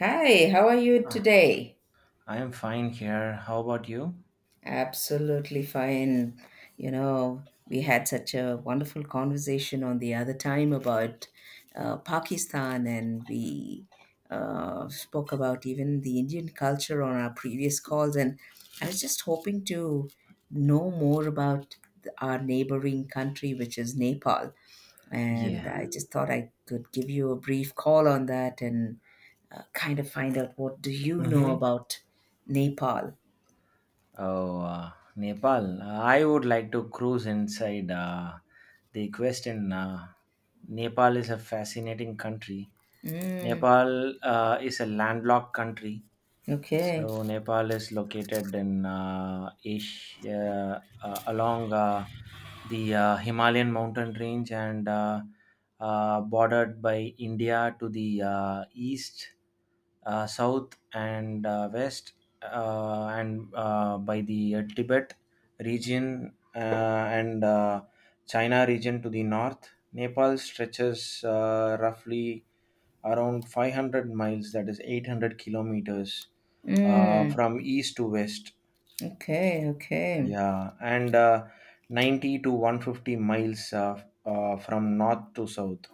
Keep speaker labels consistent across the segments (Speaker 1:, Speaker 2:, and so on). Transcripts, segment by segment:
Speaker 1: Hi, how are you
Speaker 2: Uh,
Speaker 1: today?
Speaker 2: I am fine here. How about you?
Speaker 1: Absolutely fine. You know, we had such a wonderful conversation on the other time about Pakistan, and we spoke about even the Indian culture on our previous calls. And I was just hoping to know more about our neighboring country, which is Nepal. And
Speaker 2: Yeah.
Speaker 1: I just thought I could give you a brief call on that and kind of find out what do you know
Speaker 2: Mm-hmm.
Speaker 1: about Nepal.
Speaker 2: Oh, Nepal. I would like to cruise inside the question. Nepal is a fascinating country.
Speaker 1: Mm,
Speaker 2: Nepal is a landlocked country.
Speaker 1: okay.
Speaker 2: So, Nepal is located in Asia, along the Himalayan mountain range and bordered by India to the east, south, and west, and by the Tibet region, and China region to the north. Nepal stretches roughly around 500 miles, that is 800 kilometers,
Speaker 1: Mm,
Speaker 2: from east to west.
Speaker 1: okay. Okay.
Speaker 2: Yeah, and 90 to 150 miles from north to south.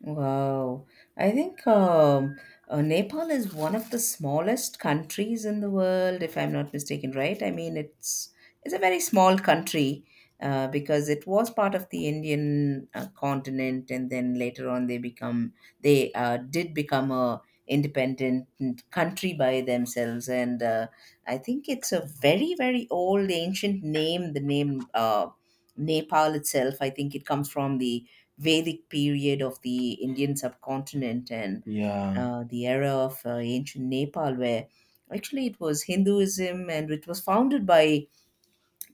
Speaker 1: Wow. I think Nepal is one of the smallest countries in the world, if I'm not mistaken, right? I mean, it's a very small country because it was part of the Indian continent, and then later on they did become a independent country by themselves, and I think it's a very very old ancient name. The name Nepal itself, I think it comes from the Vedic period of the Indian subcontinent and
Speaker 2: Yeah.
Speaker 1: the era of ancient Nepal, where actually it was Hinduism and it was founded by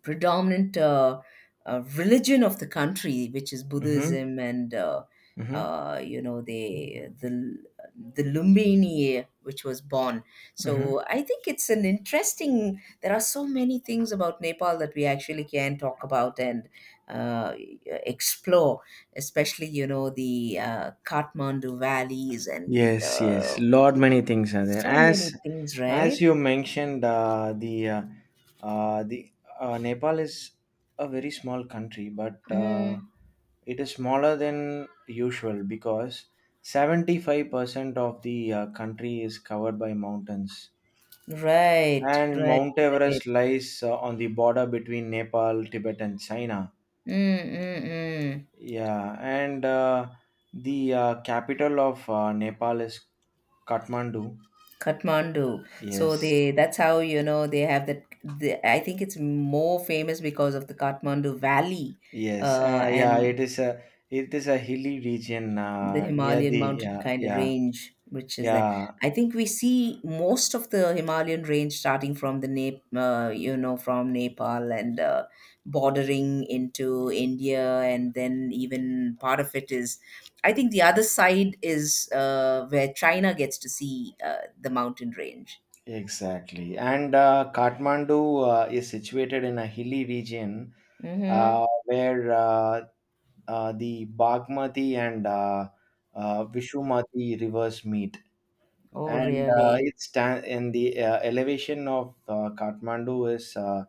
Speaker 1: predominant religion of the country, which is
Speaker 2: Mm-hmm.
Speaker 1: Buddhism, and
Speaker 2: Mm-hmm.
Speaker 1: you know the Lumbini, which was born.
Speaker 2: Mm-hmm.
Speaker 1: So I think it's an interesting. There are so many things about Nepal that we actually can talk about and uh, explore, especially you know the Kathmandu valleys and
Speaker 2: Yes, yes, lot many things are there.
Speaker 1: so
Speaker 2: As
Speaker 1: many things,
Speaker 2: as
Speaker 1: right?
Speaker 2: you mentioned, the Nepal is a very small country, but
Speaker 1: Mm,
Speaker 2: it is smaller than usual because 75% of the country is covered by mountains,
Speaker 1: right,
Speaker 2: and
Speaker 1: right,
Speaker 2: Mount
Speaker 1: right.
Speaker 2: Everest lies on the border between Nepal, Tibet, and China.
Speaker 1: Mm, mm, mm.
Speaker 2: Yeah, and the capital of Nepal is Kathmandu.
Speaker 1: Kathmandu. So
Speaker 2: Yes.
Speaker 1: they that's how you know they have that the, I think it's more famous because of the Kathmandu Valley.
Speaker 2: Yes, yeah,
Speaker 1: And
Speaker 2: it is a hilly region
Speaker 1: the
Speaker 2: near
Speaker 1: Himalayan
Speaker 2: the.
Speaker 1: mountain
Speaker 2: Yeah,
Speaker 1: kind of
Speaker 2: yeah,
Speaker 1: range, which is there.
Speaker 2: yeah,
Speaker 1: I think we see most of the Himalayan range starting from the you know, from Nepal and bordering into India, and then even part of it is. I think the other side is where China gets to see the mountain range.
Speaker 2: exactly. And Kathmandu is situated in a hilly region uh,
Speaker 1: Mm-hmm.
Speaker 2: where uh, uh, the Bagmati and Vishumati rivers meet.
Speaker 1: Oh,
Speaker 2: And uh,
Speaker 1: really?
Speaker 2: it's ta- and the elevation of Kathmandu is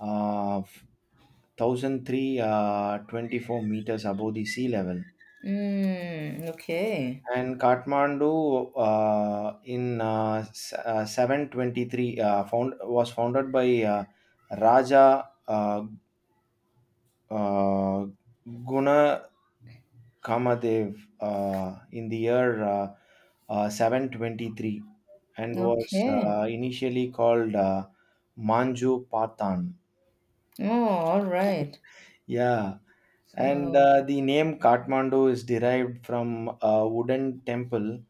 Speaker 2: uh, 1003 24 meters above the sea level.
Speaker 1: Mm, okay.
Speaker 2: And Kathmandu, in 723 found was founded by uh, Raja uh, uh, Guna Kamadev in the year 723, and was
Speaker 1: Okay.
Speaker 2: initially called Manju Patan.
Speaker 1: Oh, all right.
Speaker 2: Yeah, and
Speaker 1: So,
Speaker 2: the name Kathmandu is derived from a wooden temple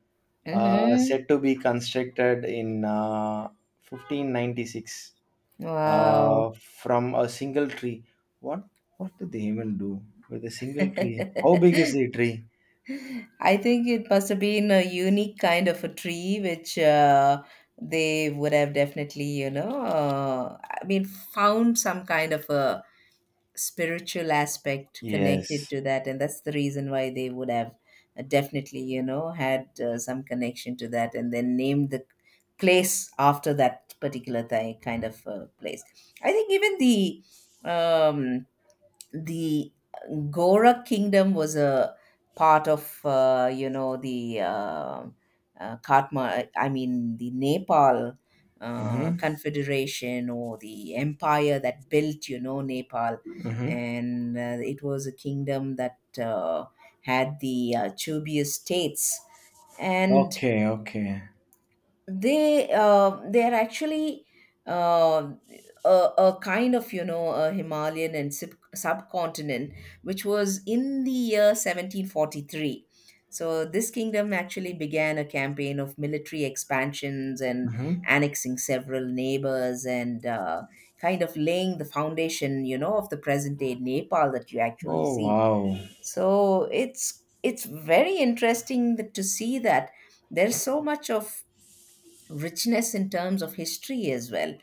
Speaker 1: mm-hmm.
Speaker 2: said to be constructed in 1596
Speaker 1: Wow.
Speaker 2: from a single tree. What what did they even do with a single tree? How big is the tree?
Speaker 1: I think it must have been a unique kind of a tree, which they would have definitely, you know, I mean, found some kind of a spiritual aspect connected
Speaker 2: Yes.
Speaker 1: to that. And that's the reason why they would have definitely, you know, had some connection to that and then named the place after that particular kind of place. I think even the. Um, the Gora kingdom was a part of you know the Katma, I mean the Nepal
Speaker 2: Mm-hmm.
Speaker 1: Confederation or the empire that built you know Nepal,
Speaker 2: Mm-hmm.
Speaker 1: and it was a kingdom that had the Chuby states and
Speaker 2: Okay. Okay.
Speaker 1: they are actually uh, a, a kind of you know a Himalayan and subcontinent which was in the year 1743. So this kingdom actually began a campaign of military expansions and
Speaker 2: Mm-hmm.
Speaker 1: annexing several neighbors and kind of laying the foundation you know of the present day Nepal that you actually
Speaker 2: Oh
Speaker 1: see.
Speaker 2: wow.
Speaker 1: So it's very interesting that, to see that there's so much of richness in terms of history as well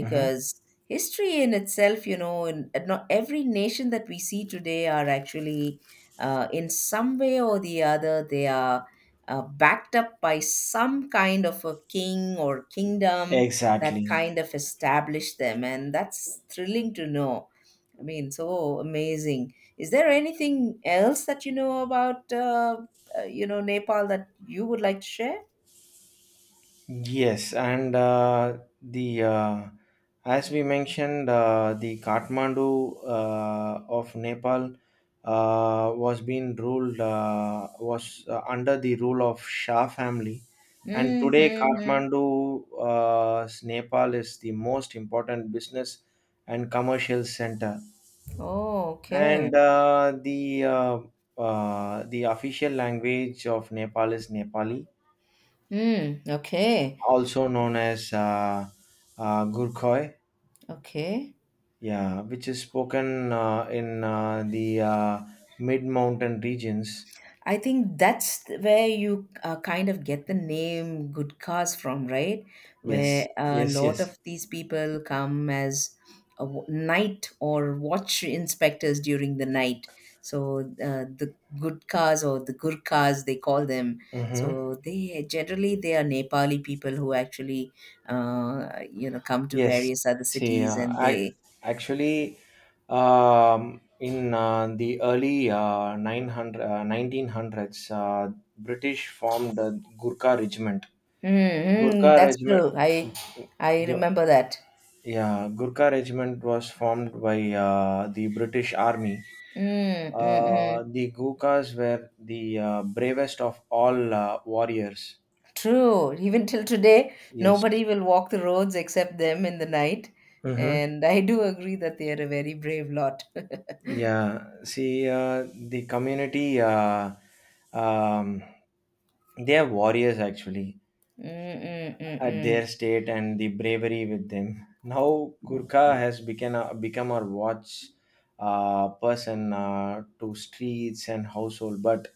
Speaker 2: Mm-hmm.
Speaker 1: history in itself you know in, not every nation that we see today are actually in some way or the other they are backed up by some kind of a king or kingdom that
Speaker 2: Exactly.
Speaker 1: kind of established them and that's thrilling to know. I mean, so amazing. Is there anything else that you know about you know Nepal that you would like to share?
Speaker 2: Yes, and the as we mentioned, the Kathmandu of Nepal was under the rule of Shah family, and today
Speaker 1: Mm-hmm.
Speaker 2: Kathmandu, Nepal is the most important business and commercial center,
Speaker 1: Oh, okay.
Speaker 2: and the official language of Nepal is Nepali,
Speaker 1: Mm, okay.
Speaker 2: also known as Gurkhoy,
Speaker 1: Okay.
Speaker 2: yeah, which is spoken in the mid-mountain regions.
Speaker 1: I think that's where you kind of get the name Good Cause from, right?
Speaker 2: Yes,
Speaker 1: Where a
Speaker 2: yes,
Speaker 1: lot
Speaker 2: yes.
Speaker 1: of these people come as a night or watch inspectors during the night. So the Good Cause or the Gurkhas, they call them.
Speaker 2: Mm-hmm.
Speaker 1: So they generally they are Nepali people who actually, you know, come to
Speaker 2: Yes.
Speaker 1: various other
Speaker 2: See,
Speaker 1: cities and
Speaker 2: I
Speaker 1: they
Speaker 2: actually, in the early 900, 1900s, British formed a Gurkha Regiment.
Speaker 1: Mm-hmm.
Speaker 2: Gurkha
Speaker 1: That's
Speaker 2: Regiment,
Speaker 1: true. I remember that.
Speaker 2: yeah, Gurkha Regiment was formed by the British Army.
Speaker 1: Mm-mm-mm.
Speaker 2: The Gurkhas were the bravest of all warriors.
Speaker 1: True. Even till today,
Speaker 2: Yes.
Speaker 1: nobody will walk the roads except them in the night.
Speaker 2: Mm-hmm.
Speaker 1: And I do agree that they are a very brave lot.
Speaker 2: Yeah. See, the community, um, they are warriors actually. At
Speaker 1: Mm-mm-mm-mm.
Speaker 2: their state, and the bravery with them. Now Gurkha has become our watch person to streets and household, but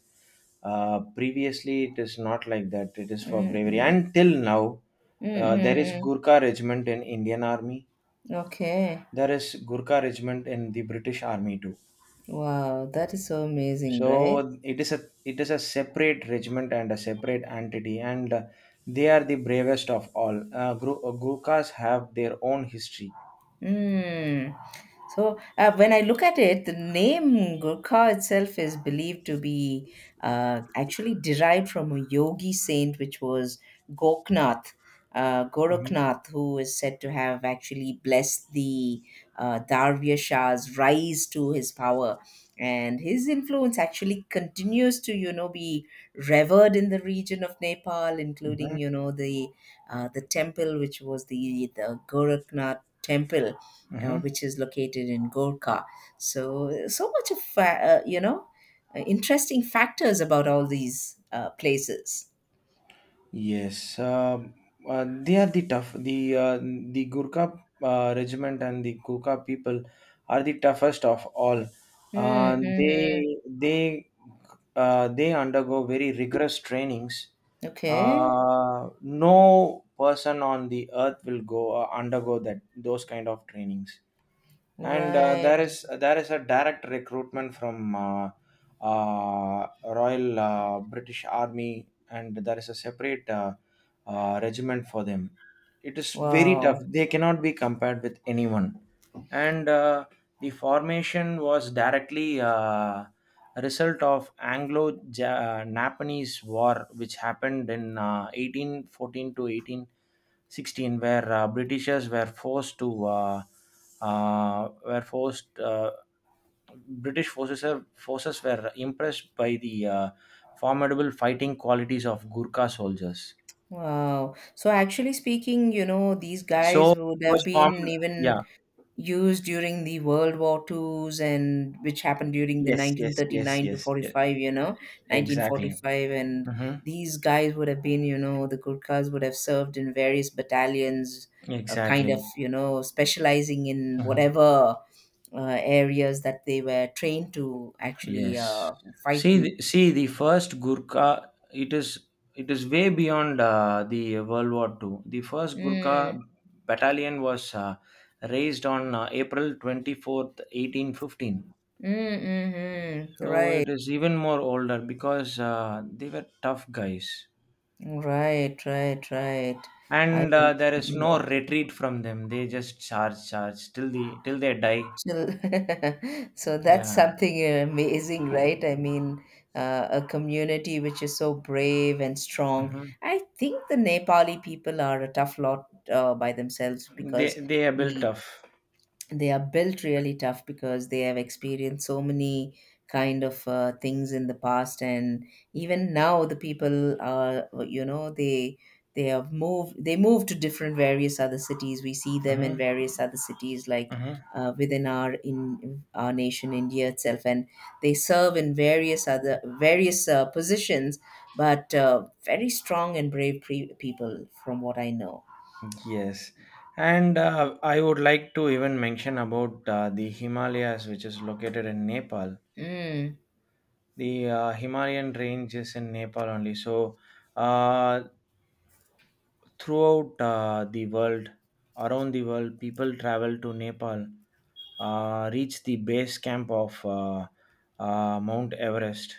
Speaker 2: previously it is not like that. It is for bravery.
Speaker 1: Mm-mm.
Speaker 2: Until now, there is
Speaker 1: Mm-mm.
Speaker 2: Gurkha regiment in Indian Army.
Speaker 1: Okay.
Speaker 2: There is Gurkha regiment in the British Army too.
Speaker 1: Wow, that is so amazing, right?
Speaker 2: So it is a separate regiment and a separate entity, and they are the bravest of all. Gurkhas have their own history.
Speaker 1: Mm. So when I look at it, the name Gurkha itself is believed to be actually derived from a yogi saint, which was Goknath,
Speaker 2: Hmm.
Speaker 1: Gorakhnath, who is said to have actually blessed the Darvya Shah's rise to his power. And his influence actually continues to, you know, be revered in the region of Nepal, including,
Speaker 2: Hmm.
Speaker 1: you know, the temple, which was the Gorakhnath temple
Speaker 2: Hmm.
Speaker 1: which is located in Gorka. So, so much of you know interesting factors about all these places.
Speaker 2: Yes, they are the tough. The Gurkha regiment and the Gurkha people are the toughest of all. Uh,
Speaker 1: Mm-hmm.
Speaker 2: they they they undergo very rigorous trainings.
Speaker 1: Okay.
Speaker 2: No person on the earth will go undergo that those kind of trainings, and there
Speaker 1: Right.
Speaker 2: is there is a direct recruitment from Royal British Army, and there is a separate regiment for them. It is very tough.
Speaker 1: Wow.
Speaker 2: They cannot be compared with anyone. And the formation was directly a result of Anglo-Japanese War, which happened in 1814 to 1816, where Britishers were forced British forces are- forces were impressed by the formidable fighting qualities of Gurkha soldiers.
Speaker 1: Wow. So actually speaking, you know, these
Speaker 2: So
Speaker 1: guys
Speaker 2: it
Speaker 1: would have
Speaker 2: was
Speaker 1: been
Speaker 2: formed.
Speaker 1: even
Speaker 2: Yeah.
Speaker 1: used during the World War Twos and which happened during the
Speaker 2: Yes. Yes. Yes.
Speaker 1: 1939 to
Speaker 2: Yes, yeah,
Speaker 1: 45, you know,
Speaker 2: exactly.
Speaker 1: 1945. And
Speaker 2: Mm-hmm.
Speaker 1: these guys would have been, you know, the Gurkhas would have served in various battalions, kind of,
Speaker 2: Exactly.
Speaker 1: you know, specializing in
Speaker 2: Mhm.
Speaker 1: whatever areas that they were trained to actually
Speaker 2: Yes.
Speaker 1: fight.
Speaker 2: See,
Speaker 1: In.
Speaker 2: the- see, the first Gurkha, it is way beyond the World War II. The first
Speaker 1: Mm,
Speaker 2: Gurkha battalion was raised on April 24th, 1815.
Speaker 1: mm, mm, mm.
Speaker 2: So
Speaker 1: Right,
Speaker 2: it is even more older because they were tough guys,
Speaker 1: right, right, right. I
Speaker 2: and there is
Speaker 1: understand.
Speaker 2: no retreat from them. They just charge, charge till they die.
Speaker 1: So, so that's
Speaker 2: Yeah.
Speaker 1: something amazing, right? I mean, a community which is so brave and strong.
Speaker 2: Hmm.
Speaker 1: I think the Nepali people are a tough lot by themselves
Speaker 2: They
Speaker 1: because
Speaker 2: they are built
Speaker 1: we
Speaker 2: tough.
Speaker 1: they are built really tough because they have experienced so many kind of things in the past and even now the people are you know they have moved they move to different various other cities we see them in
Speaker 2: Hmm.
Speaker 1: various other cities like
Speaker 2: Hmm.
Speaker 1: within our in our nation India itself and they serve in various other various positions but very strong and brave people from what I know.
Speaker 2: Yes, and I would like to even mention about the Himalayas, which is located in Nepal.
Speaker 1: Mm,
Speaker 2: The Himalayan range is in Nepal only. So, uh, throughout uh, the world, around the world, people travel to Nepal, reach the base camp of Mount Everest.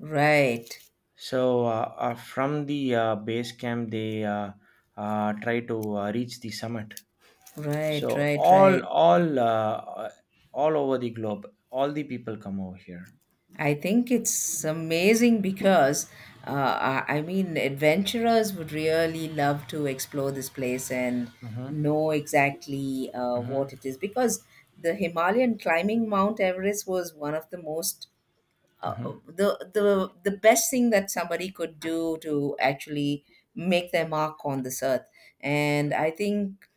Speaker 1: right,
Speaker 2: So, from the base camp, they try to reach the summit.
Speaker 1: right,
Speaker 2: So
Speaker 1: right, right.
Speaker 2: all over the globe, all the people come over here.
Speaker 1: I think it's amazing because, I mean, adventurers would really love to explore this place and
Speaker 2: Hmm.
Speaker 1: know exactly what
Speaker 2: Hmm.
Speaker 1: it is. Because the Himalayan climbing Mount Everest was one of the most, uh,
Speaker 2: Hmm.
Speaker 1: the best thing that somebody could do to actually make their mark on this earth. And I think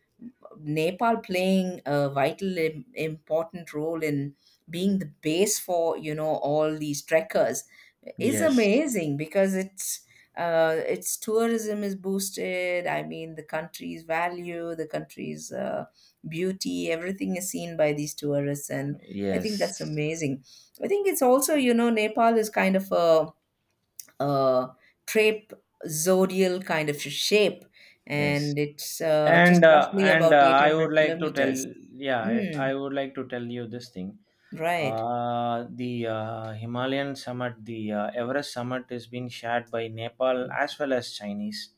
Speaker 1: Nepal playing a vital important role in being the base for you know all these trekkers is
Speaker 2: Yes,
Speaker 1: amazing because it's its tourism is boosted. I mean, the country's value, the country's beauty, everything is seen by these tourists, and I think that's
Speaker 2: yes,
Speaker 1: amazing. I think it's also you know Nepal is kind of a uh, trapezoidal kind of shape,
Speaker 2: yes.
Speaker 1: and it's
Speaker 2: And
Speaker 1: just
Speaker 2: uh,
Speaker 1: roughly
Speaker 2: and
Speaker 1: about
Speaker 2: uh, I would
Speaker 1: 800
Speaker 2: like to tell,
Speaker 1: kilometers.
Speaker 2: yeah, I,
Speaker 1: Mm,
Speaker 2: I would like to tell you this thing.
Speaker 1: right.
Speaker 2: The Himalayan summit, the Everest summit, is being shared by Nepal as well as Chinese.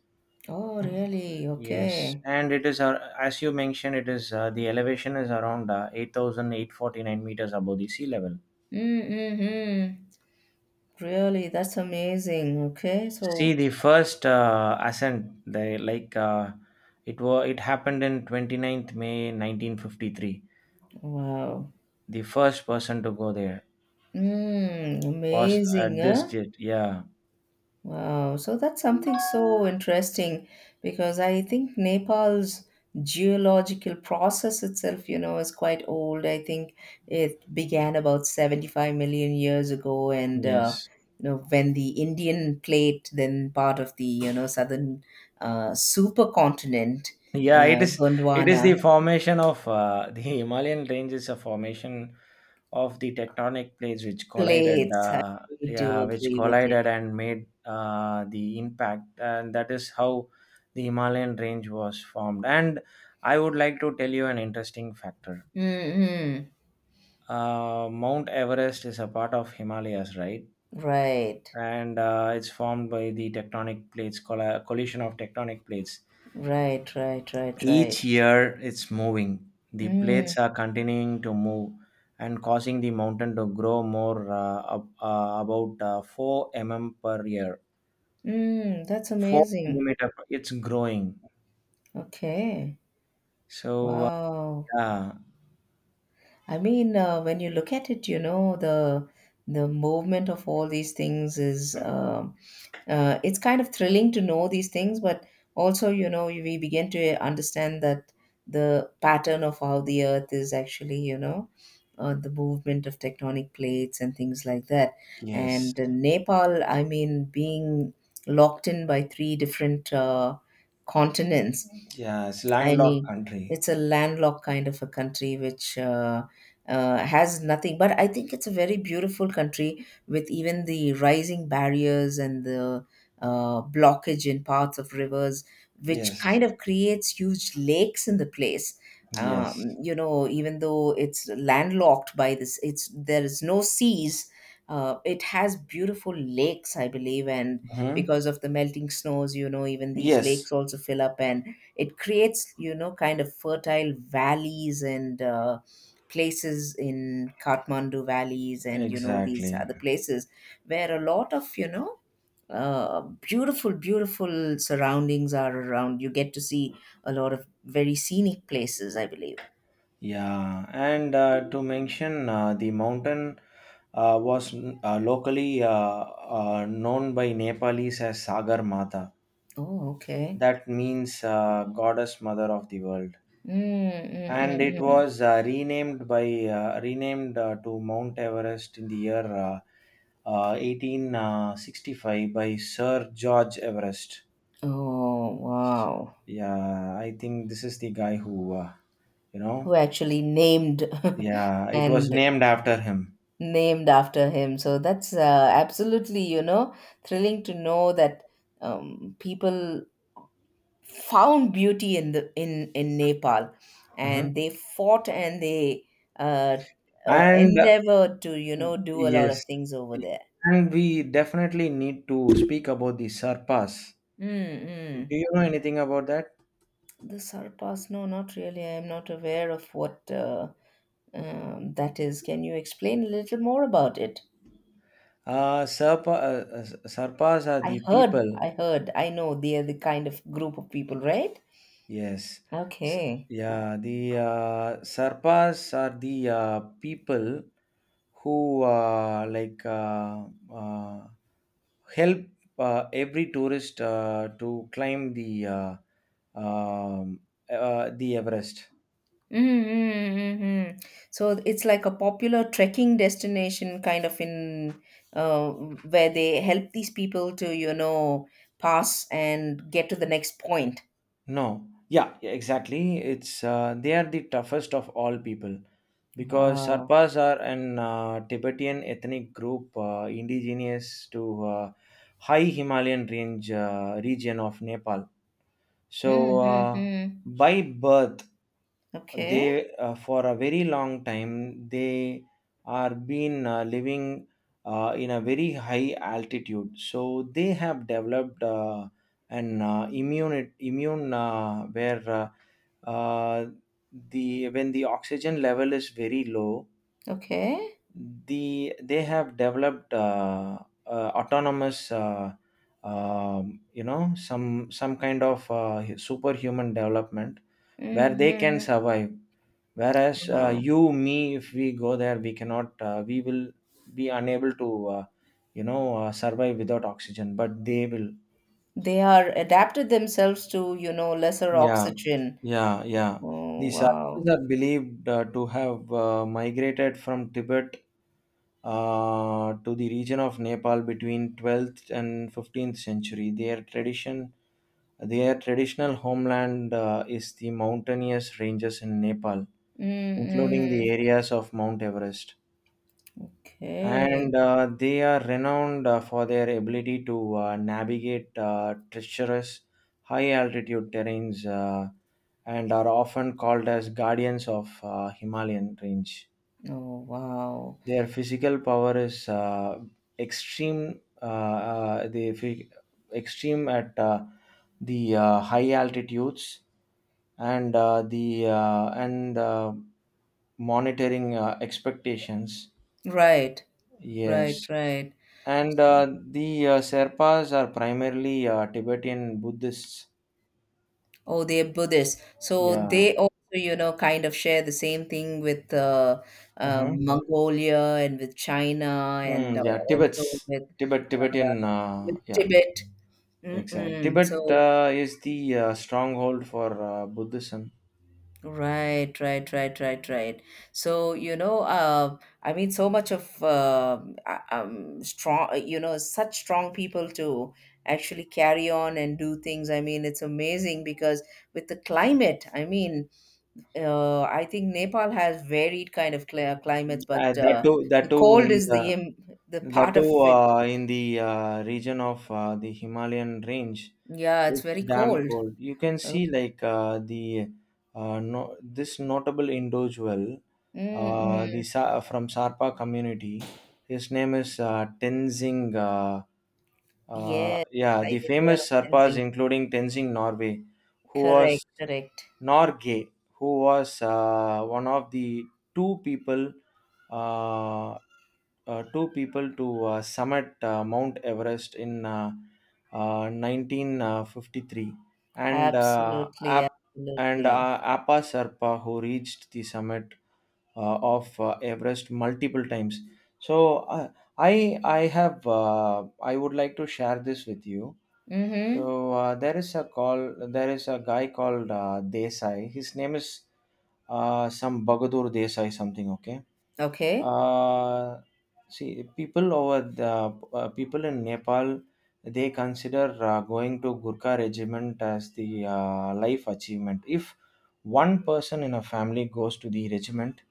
Speaker 1: Oh, really?
Speaker 2: Yes,
Speaker 1: Okay.
Speaker 2: and it is as you mentioned, it is the elevation is around eight thousand eight forty nine meters above the sea level.
Speaker 1: Mm-hmm. Really, that's amazing. Okay, so
Speaker 2: See, the first ascent, they like it was it happened in twenty ninth May 1953.
Speaker 1: wow.
Speaker 2: The first person to go there
Speaker 1: Mm,
Speaker 2: was
Speaker 1: amazing,
Speaker 2: at this
Speaker 1: huh?
Speaker 2: date. Yeah.
Speaker 1: Wow, so that's something so interesting because I think Nepal's geological process itself, you know, is quite old. I think it began about 75 million years ago, and
Speaker 2: Yes.
Speaker 1: you know, when the Indian plate, then part of the you know southern supercontinent,
Speaker 2: Yeah, it is. It is the
Speaker 1: Gondwana
Speaker 2: formation of The Himalayan range is a formation of the tectonic plates which collided,
Speaker 1: plates. I
Speaker 2: Uh,
Speaker 1: do
Speaker 2: yeah, which
Speaker 1: agree with you.
Speaker 2: collided and made the impact, and that is how the Himalayan range was formed. And I would like to tell you an interesting factor.
Speaker 1: Mm-hmm.
Speaker 2: Mount Everest is a part of Himalayas, right?
Speaker 1: Right,
Speaker 2: And it's formed by the tectonic plates collision of tectonic plates.
Speaker 1: right, right, right, right.
Speaker 2: Each year it's moving. The
Speaker 1: Mm.
Speaker 2: plates are continuing to move and causing the mountain to grow more, about 4 mm per year.
Speaker 1: Mm, that's
Speaker 2: 4
Speaker 1: amazing.
Speaker 2: millimeter, it's growing.
Speaker 1: Okay.
Speaker 2: So,
Speaker 1: Wow.
Speaker 2: yeah,
Speaker 1: I mean, when you look at it, you know, the movement of all these things is it's kind of thrilling to know these things, but also, you know, we begin to understand that the pattern of how the earth is actually, you know, the movement of tectonic plates and things like that.
Speaker 2: yes,
Speaker 1: And Nepal, I mean, being locked in by three different continents.
Speaker 2: yeah, it's
Speaker 1: I
Speaker 2: landlocked
Speaker 1: mean,
Speaker 2: country.
Speaker 1: it's a landlocked kind of a country which has nothing. But I think it's a very beautiful country with even the rising barriers and the blockage in parts of rivers, which
Speaker 2: Yes,
Speaker 1: kind of creates huge lakes in the place.
Speaker 2: yes.
Speaker 1: You know, even though it's landlocked by this, it's there is no seas. It has beautiful lakes, I believe, and
Speaker 2: Hmm.
Speaker 1: because of the melting snows, you know, even these lakes
Speaker 2: Yes,
Speaker 1: also fill up and it creates, you know, kind of fertile valleys and places in Kathmandu valleys and, you know, these
Speaker 2: exactly.
Speaker 1: other places where a lot of, you know, beautiful, beautiful surroundings are around. You get to see a lot of very scenic places, I believe.
Speaker 2: Yeah, and to mention the mountain was locally known by Nepalese as Sagar Mata.
Speaker 1: Oh, okay.
Speaker 2: That means goddess mother of the world.
Speaker 1: Mm, mm,
Speaker 2: And
Speaker 1: mm,
Speaker 2: it
Speaker 1: mm.
Speaker 2: was renamed to Mount Everest in the year 1865 by Sir George Everest.
Speaker 1: Oh, wow.
Speaker 2: Yeah, I think this is the guy who. You know,
Speaker 1: Who actually named
Speaker 2: yeah, it was
Speaker 1: and
Speaker 2: named after him.
Speaker 1: named after him. So that's absolutely, you know, thrilling to know that people found beauty in the in Nepal, and
Speaker 2: Mhm.
Speaker 1: they fought and they uh,
Speaker 2: And
Speaker 1: endeavored to, you know, do a lot of
Speaker 2: Yes.
Speaker 1: things over there.
Speaker 2: And we definitely need to speak about the Sarpas.
Speaker 1: Mm-mm.
Speaker 2: Do you know anything about that?
Speaker 1: The Sarpas, no, not really. I am not aware of what that is. Can you explain a little more about it?
Speaker 2: Sarpas are
Speaker 1: I
Speaker 2: the
Speaker 1: heard,
Speaker 2: people.
Speaker 1: I heard, I know they are the kind of group of people, right?
Speaker 2: Yes. S-
Speaker 1: Okay.
Speaker 2: yeah, the Sarpas are the people who uh, help every tourist to climb um, the Everest.
Speaker 1: Mm, Hmm. Mm, mm. So it's like a popular trekking destination kind of in uh, where they help these people to, you know, pass and get to the next point.
Speaker 2: No, yeah, yeah, exactly. It's They are the toughest of all people because
Speaker 1: Wow.
Speaker 2: Sarpas are an Tibetan ethnic group indigenous to high Himalayan range region of Nepal. So,
Speaker 1: Mm-hmm.
Speaker 2: by birth, they
Speaker 1: Okay.
Speaker 2: for a very long time they are been living in a very high altitude. So they have developed an immune where uh, the when the oxygen level is very low,
Speaker 1: Okay.
Speaker 2: they have developed autonomous, some kind of superhuman development where they can
Speaker 1: Mm-hmm.
Speaker 2: survive, whereas
Speaker 1: Wow.
Speaker 2: you, me, if we go there, we cannot we will be unable to, uh, survive without oxygen, but they will.
Speaker 1: They are adapted themselves to, you know, lesser
Speaker 2: Yeah,
Speaker 1: oxygen.
Speaker 2: yeah, yeah. The
Speaker 1: Oh, wow.
Speaker 2: Sarvas are believed to have migrated from Tibet to the region of Nepal between 12th and 15th century. Their traditional homeland is the mountainous ranges in Nepal, including the
Speaker 1: Mm-hmm.
Speaker 2: areas of Mount Everest.
Speaker 1: Okay.
Speaker 2: And they are renowned for their ability to navigate treacherous high altitude terrains, and are often called as guardians of Himalayan range.
Speaker 1: Oh, wow.
Speaker 2: Their physical power is extreme, uh, the phy- at the high altitudes, and monitoring expectations.
Speaker 1: Right. Right.
Speaker 2: Yes.
Speaker 1: Right.
Speaker 2: And
Speaker 1: So
Speaker 2: the Sherpas are primarily Tibetan Buddhists.
Speaker 1: oh, they're Buddhists. So
Speaker 2: Yeah.
Speaker 1: they also, you know, kind of share the same thing with
Speaker 2: Hmm.
Speaker 1: Mongolia and with China
Speaker 2: Mm.
Speaker 1: and
Speaker 2: yeah tibets
Speaker 1: also
Speaker 2: tibet Tibetan,
Speaker 1: with
Speaker 2: yeah.
Speaker 1: Tibet.
Speaker 2: Exactly.
Speaker 1: Mm-mm.
Speaker 2: Tibet
Speaker 1: So,
Speaker 2: is the stronghold for Buddhism.
Speaker 1: right, right, right, right, right. So, you know, I mean, so much of strong, you know, such strong people to actually carry on and do things. I mean, it's amazing because with the climate, I mean, I think Nepal has varied kind of climates, but
Speaker 2: That
Speaker 1: the
Speaker 2: too
Speaker 1: cold
Speaker 2: in
Speaker 1: is the
Speaker 2: the
Speaker 1: im the
Speaker 2: that
Speaker 1: part of
Speaker 2: too
Speaker 1: it.
Speaker 2: in the region of the Himalayan range.
Speaker 1: Yeah, it's
Speaker 2: It's
Speaker 1: very
Speaker 2: damn
Speaker 1: cold.
Speaker 2: cold. You can
Speaker 1: Oh.
Speaker 2: see like the no, this notable individual,
Speaker 1: Mm-mm.
Speaker 2: From Sarpa community. His name is Tenzing. Uh, uh,
Speaker 1: Yes,
Speaker 2: yeah,
Speaker 1: I
Speaker 2: the
Speaker 1: did hear
Speaker 2: famous
Speaker 1: of
Speaker 2: Sarpas,
Speaker 1: Tenzing.
Speaker 2: including Tenzing Norway, who
Speaker 1: Correct,
Speaker 2: was
Speaker 1: correct.
Speaker 2: Norgay, who was one of the uh, two people to summit Mount Everest in 1953, and
Speaker 1: Absolutely, absolutely.
Speaker 2: Appa Sarpa, who reached the summit of Everest multiple times. So uh, I would like to share this with you.
Speaker 1: Mm-hmm.
Speaker 2: So there is a call. There is a guy called Desai. His name is some Bagadur Desai something. Okay
Speaker 1: Okay,
Speaker 2: uh, see people in Nepal, they consider going to Gurkha regiment as the life achievement. If one person in a family goes to the regiment,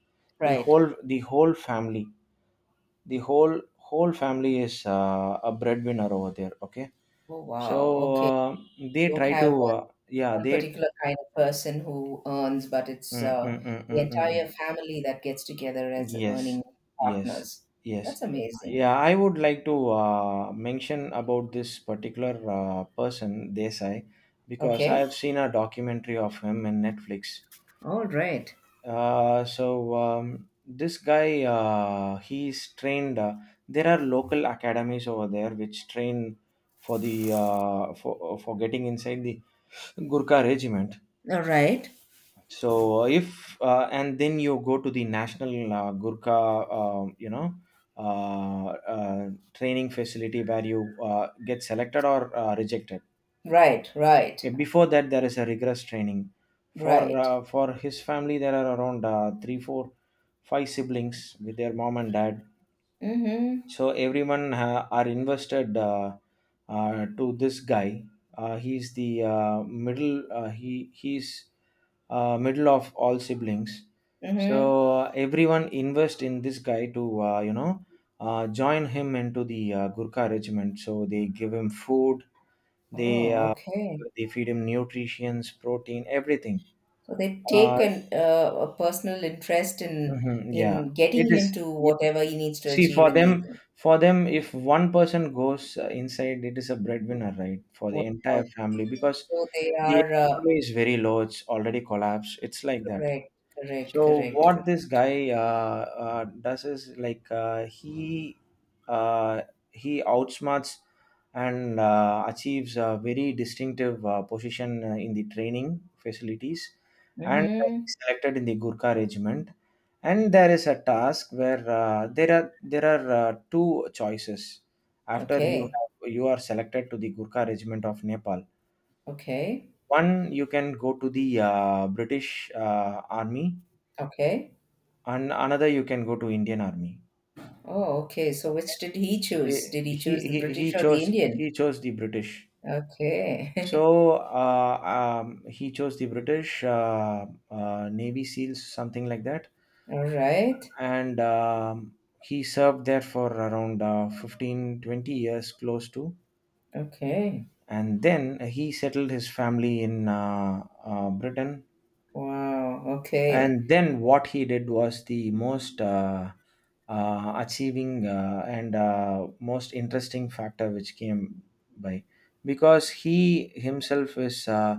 Speaker 1: right.
Speaker 2: the whole family the whole whole family is a breadwinner over there. Okay,
Speaker 1: Oh,
Speaker 2: so
Speaker 1: wow. Okay.
Speaker 2: uh,
Speaker 1: You
Speaker 2: they
Speaker 1: don't
Speaker 2: try to,
Speaker 1: have one,
Speaker 2: yeah,
Speaker 1: one
Speaker 2: they.
Speaker 1: particular kind of person who earns, but it's
Speaker 2: Mm, mm, mm,
Speaker 1: the
Speaker 2: mm, mm.
Speaker 1: entire family that gets together as
Speaker 2: Yes,
Speaker 1: earning
Speaker 2: yes,
Speaker 1: partners.
Speaker 2: yes.
Speaker 1: That's amazing.
Speaker 2: Yeah, I would like to mention about this particular person, Desai, because I
Speaker 1: Okay.
Speaker 2: have seen a documentary of him in Netflix.
Speaker 1: All right.
Speaker 2: So this guy, he's trained. There are local academies over there which train for getting inside the Gurkha regiment.
Speaker 1: All right.
Speaker 2: So if and then you go to the national Gurkha uh, training facility where you get selected or rejected.
Speaker 1: Right. Right.
Speaker 2: Okay, before that there is a rigorous training for
Speaker 1: Right.
Speaker 2: uh, for his family. There are around three four five siblings with their mom and dad,
Speaker 1: Mm-hmm.
Speaker 2: so everyone are invested, to this guy. He's the middle, he's middle of all siblings. So
Speaker 1: Mm-hmm.
Speaker 2: uh, everyone invest in this guy to join him into the Gurkha regiment. So they give him food, they
Speaker 1: Oh,
Speaker 2: uh,
Speaker 1: okay.
Speaker 2: they feed him nutrients, protein, everything.
Speaker 1: So they
Speaker 2: Uh,
Speaker 1: take an, a personal interest
Speaker 2: mhm. Yeah,
Speaker 1: in
Speaker 2: it
Speaker 1: getting him
Speaker 2: is.
Speaker 1: to
Speaker 2: Yeah.
Speaker 1: whatever he needs to
Speaker 2: See,
Speaker 1: achieve
Speaker 2: for
Speaker 1: in the
Speaker 2: them,
Speaker 1: thing.
Speaker 2: if one person goes inside, it is a breadwinner, right, for the
Speaker 1: Wow.
Speaker 2: entire family, because
Speaker 1: So they
Speaker 2: the
Speaker 1: are
Speaker 2: economy is very low. It's already collapsed. It's like that.
Speaker 1: correct. Correct.
Speaker 2: So
Speaker 1: Correct.
Speaker 2: what
Speaker 1: Correct.
Speaker 2: this guy does is like, uh, he outsmarts and achieves a very distinctive position in the training facilities, and
Speaker 1: Mm-hmm.
Speaker 2: he's selected in the Gurkha regiment. And there is a task where there are two choices after
Speaker 1: Okay.
Speaker 2: you are selected to the Gurkha regiment of Nepal.
Speaker 1: Okay.
Speaker 2: One, you can go to the British army,
Speaker 1: Okay.
Speaker 2: and another you can go to Indian Army.
Speaker 1: Oh, okay. So which did he choose?
Speaker 2: Eh,
Speaker 1: Did he
Speaker 2: He
Speaker 1: choose the
Speaker 2: he he
Speaker 1: British or the
Speaker 2: chose
Speaker 1: Indian?
Speaker 2: he chose the British.
Speaker 1: Okay.
Speaker 2: So he chose the British Navy SEALs, something like that,
Speaker 1: All right.
Speaker 2: and he served there for around 15-20 years, close to,
Speaker 1: Okay.
Speaker 2: and then he settled his family in Britain.
Speaker 1: Wow, okay.
Speaker 2: And then what he did was the most achieving and most interesting factor which came by, because he himself is uh,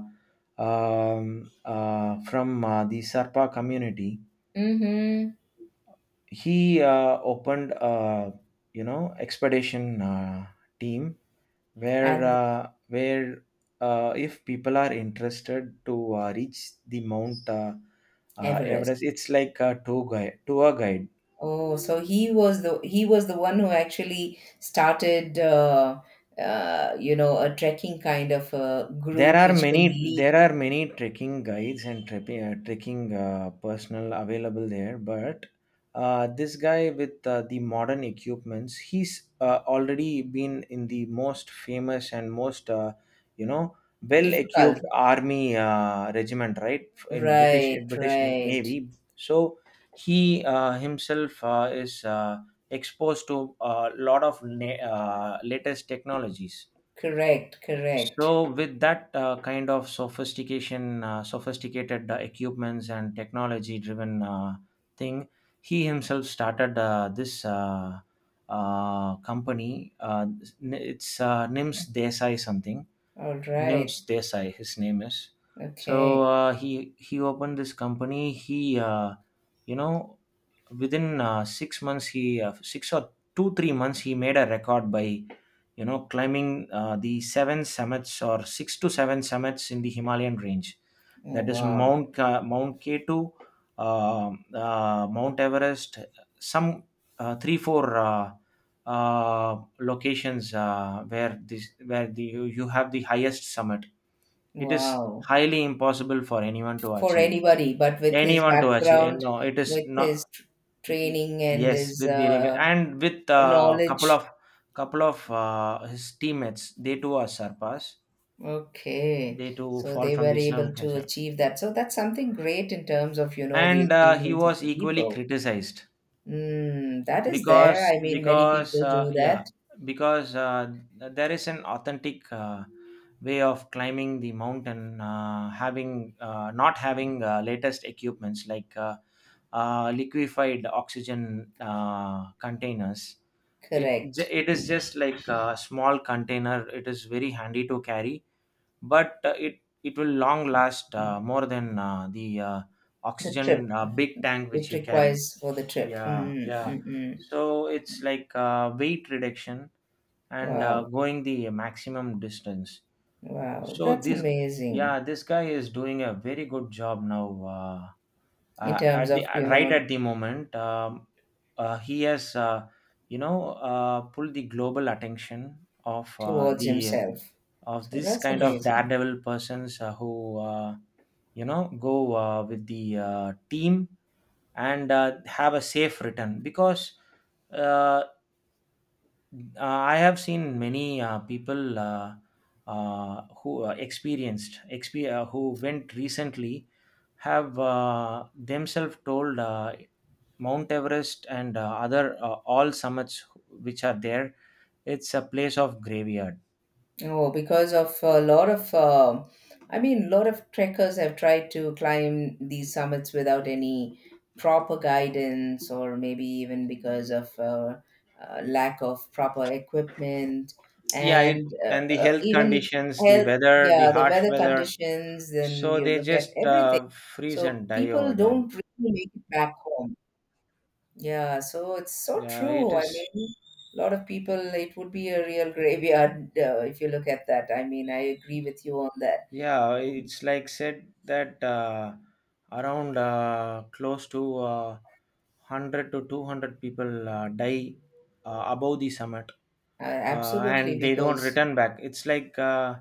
Speaker 2: um, uh, from the Sarpa community.
Speaker 1: Mm-hmm.
Speaker 2: He opened a expedition team where
Speaker 1: And
Speaker 2: if people are interested to reach the Mount
Speaker 1: Everest.
Speaker 2: Everest, it's like a tour guide. Tour guide.
Speaker 1: Oh, so he was the one who actually started you know, a trekking kind of a
Speaker 2: There
Speaker 1: group
Speaker 2: are
Speaker 1: which can
Speaker 2: many
Speaker 1: lead
Speaker 2: there are many trekking guides and trekking personnel available there, but this guy with the modern equipments, he's already been in the most famous and most you know well
Speaker 1: difficult.
Speaker 2: equipped army regiment, right? In British
Speaker 1: Right,
Speaker 2: in British
Speaker 1: right.
Speaker 2: Navy, so he himself is exposed to a lot of latest technologies.
Speaker 1: Correct, correct.
Speaker 2: So with that kind of sophistication, sophisticated equipments and technology-driven thing, he himself started this company. It's Nims Desai something.
Speaker 1: All right.
Speaker 2: Nims Desai, his name is. So
Speaker 1: Okay.
Speaker 2: uh, he opened this company. He you know within 6 months he 6 or 2, 3 months he made a record by climbing the seven summits or six to seven summits in the Himalayan range,
Speaker 1: Oh,
Speaker 2: that is
Speaker 1: wow.
Speaker 2: Mount Mount k2, Mount Everest, some three four locations where this where you have the highest summit. It is
Speaker 1: Wow.
Speaker 2: highly impossible for anyone to
Speaker 1: For
Speaker 2: achieve,
Speaker 1: anybody, but with his
Speaker 2: and
Speaker 1: background,
Speaker 2: no it is
Speaker 1: with
Speaker 2: not.
Speaker 1: his tr
Speaker 2: Mm.
Speaker 1: training and
Speaker 2: Yes,
Speaker 1: his
Speaker 2: with the and with a couple
Speaker 1: knowledge.
Speaker 2: of couple of uh, his teammates, they too are surpassed.
Speaker 1: Okay,
Speaker 2: They too
Speaker 1: so
Speaker 2: fall
Speaker 1: they
Speaker 2: from
Speaker 1: were
Speaker 2: the
Speaker 1: able
Speaker 2: Islam.
Speaker 1: to achieve that. So that's something great in terms of, you know, the
Speaker 2: And he
Speaker 1: achievements of
Speaker 2: was
Speaker 1: the
Speaker 2: equally
Speaker 1: people.
Speaker 2: criticized,
Speaker 1: Mm, that is there.
Speaker 2: because
Speaker 1: I mean, many
Speaker 2: because
Speaker 1: people
Speaker 2: uh,
Speaker 1: do
Speaker 2: yeah
Speaker 1: that.
Speaker 2: because there is an authentic way of climbing the mountain, having, not having latest equipments like liquefied oxygen containers. it ju-
Speaker 1: Correct.
Speaker 2: it is just like a small container. It is very handy to carry, but it will long last more than the
Speaker 1: The trip.
Speaker 2: oxygen big tank which
Speaker 1: It
Speaker 2: you carry.
Speaker 1: requires for the trip.
Speaker 2: Yeah,
Speaker 1: Mm,
Speaker 2: yeah.
Speaker 1: mm, mm.
Speaker 2: So it's like weight reduction and
Speaker 1: Wow.
Speaker 2: going the maximum distance.
Speaker 1: Wow.
Speaker 2: So
Speaker 1: That's amazing
Speaker 2: yeah, this guy is doing a very good job now.
Speaker 1: in terms
Speaker 2: At the
Speaker 1: of, you
Speaker 2: Right
Speaker 1: know,
Speaker 2: at the moment, he has, pulled the global attention of
Speaker 1: towards
Speaker 2: the
Speaker 1: himself.
Speaker 2: of
Speaker 1: So
Speaker 2: this
Speaker 1: that's
Speaker 2: kind of
Speaker 1: amazing.
Speaker 2: daredevil persons, who, go with the team and have a safe return, because uh, I have seen many people who who went recently have themselves told. Mount Everest and other, all summits which are there, it's a place of graveyard.
Speaker 1: Oh, because of a lot of, I mean, a lot of trekkers have tried to climb these summits without any proper guidance, or maybe even because of lack of proper equipment
Speaker 2: Yeah,
Speaker 1: and
Speaker 2: and the health
Speaker 1: even
Speaker 2: conditions, the
Speaker 1: health.
Speaker 2: weather, the
Speaker 1: Yeah, the
Speaker 2: harsh
Speaker 1: weather
Speaker 2: weather.
Speaker 1: conditions, then
Speaker 2: So
Speaker 1: you
Speaker 2: they
Speaker 1: look at
Speaker 2: just
Speaker 1: everything.
Speaker 2: freeze
Speaker 1: So
Speaker 2: and die
Speaker 1: people
Speaker 2: over there.
Speaker 1: don't really make it back home. Yeah, so it's so
Speaker 2: Yeah, it
Speaker 1: true. I
Speaker 2: is.
Speaker 1: mean, a lot of people, it would be a real graveyard if you look at that. I mean, I agree with you on that.
Speaker 2: Yeah,
Speaker 1: Um,
Speaker 2: it's like said that around, close to, 100 to 200 people die above the summit,
Speaker 1: absolutely,
Speaker 2: and they don't
Speaker 1: because
Speaker 2: return back. It's like uh,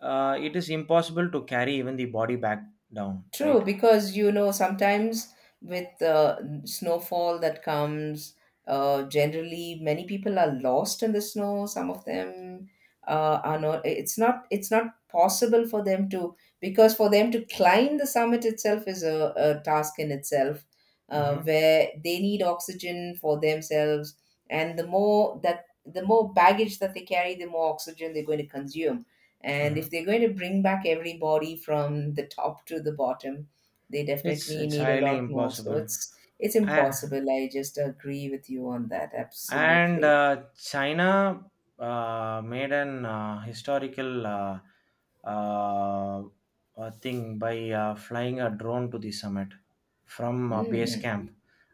Speaker 2: uh, it is impossible to carry even the body back down,
Speaker 1: true,
Speaker 2: right?
Speaker 1: because you know sometimes with snowfall that comes, generally many people are lost in the snow. Some of them are not. It's not. It's not possible for them to because for them to climb the summit itself is a task in itself,
Speaker 2: Mm-hmm.
Speaker 1: where they need oxygen for themselves, and the more baggage that they carry, the more oxygen they're going to consume and if
Speaker 2: Mm-hmm.
Speaker 1: they're going to bring back everybody from the top to the bottom, they
Speaker 2: It's
Speaker 1: definitely
Speaker 2: it's
Speaker 1: need a
Speaker 2: highly
Speaker 1: lot more. So
Speaker 2: impossible.
Speaker 1: it's
Speaker 2: I,
Speaker 1: impossible. I just agree with you on that.
Speaker 2: and
Speaker 1: Absolutely.
Speaker 2: China made an historical uh, thing by flying a drone to the summit from base
Speaker 1: Mm.
Speaker 2: camp,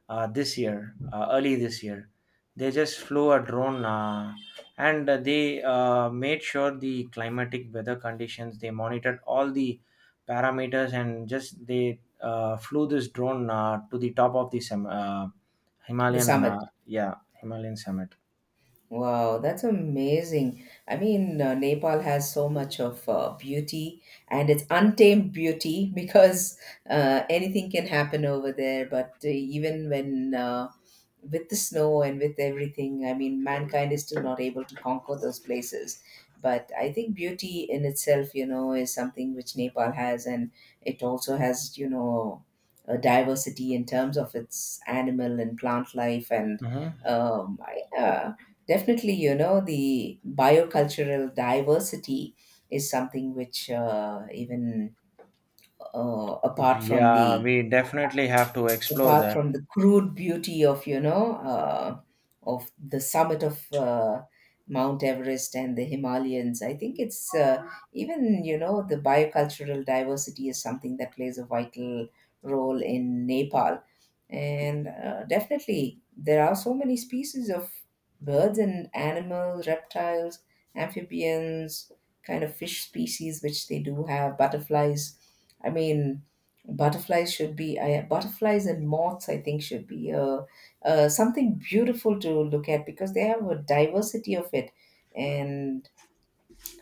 Speaker 2: this year early this year. They just flew a drone, and they made sure the climatic weather conditions, they monitored all the parameters, and just they flew this drone to the top of the
Speaker 1: The
Speaker 2: Himalayan,
Speaker 1: summit.
Speaker 2: yeah. Himalayan summit.
Speaker 1: Wow, that's amazing. I mean, Nepal has so much of beauty and it's untamed beauty because anything can happen over there. But even when with the snow and with everything, I mean, mankind is still not able to conquer those places. But I think beauty in itself, you know, is something which Nepal has, and it also has, you know, a diversity in terms of its animal and plant life and
Speaker 2: Mhm.
Speaker 1: um, I, uh, definitely, you know, the biocultural diversity is something which, even uh, apart from
Speaker 2: Yeah,
Speaker 1: the
Speaker 2: we definitely have to explore
Speaker 1: apart
Speaker 2: that.
Speaker 1: from the crude beauty of you know of the summit of Mount Everest and the Himalayans. I think it's even you know the biocultural diversity is something that plays a vital role in Nepal, and definitely there are so many species of birds and animals, reptiles, amphibians, kind of fish species which they do have, butterflies. I mean, butterflies should butterflies and moths. I think should be something beautiful to look at because they have a diversity of it, and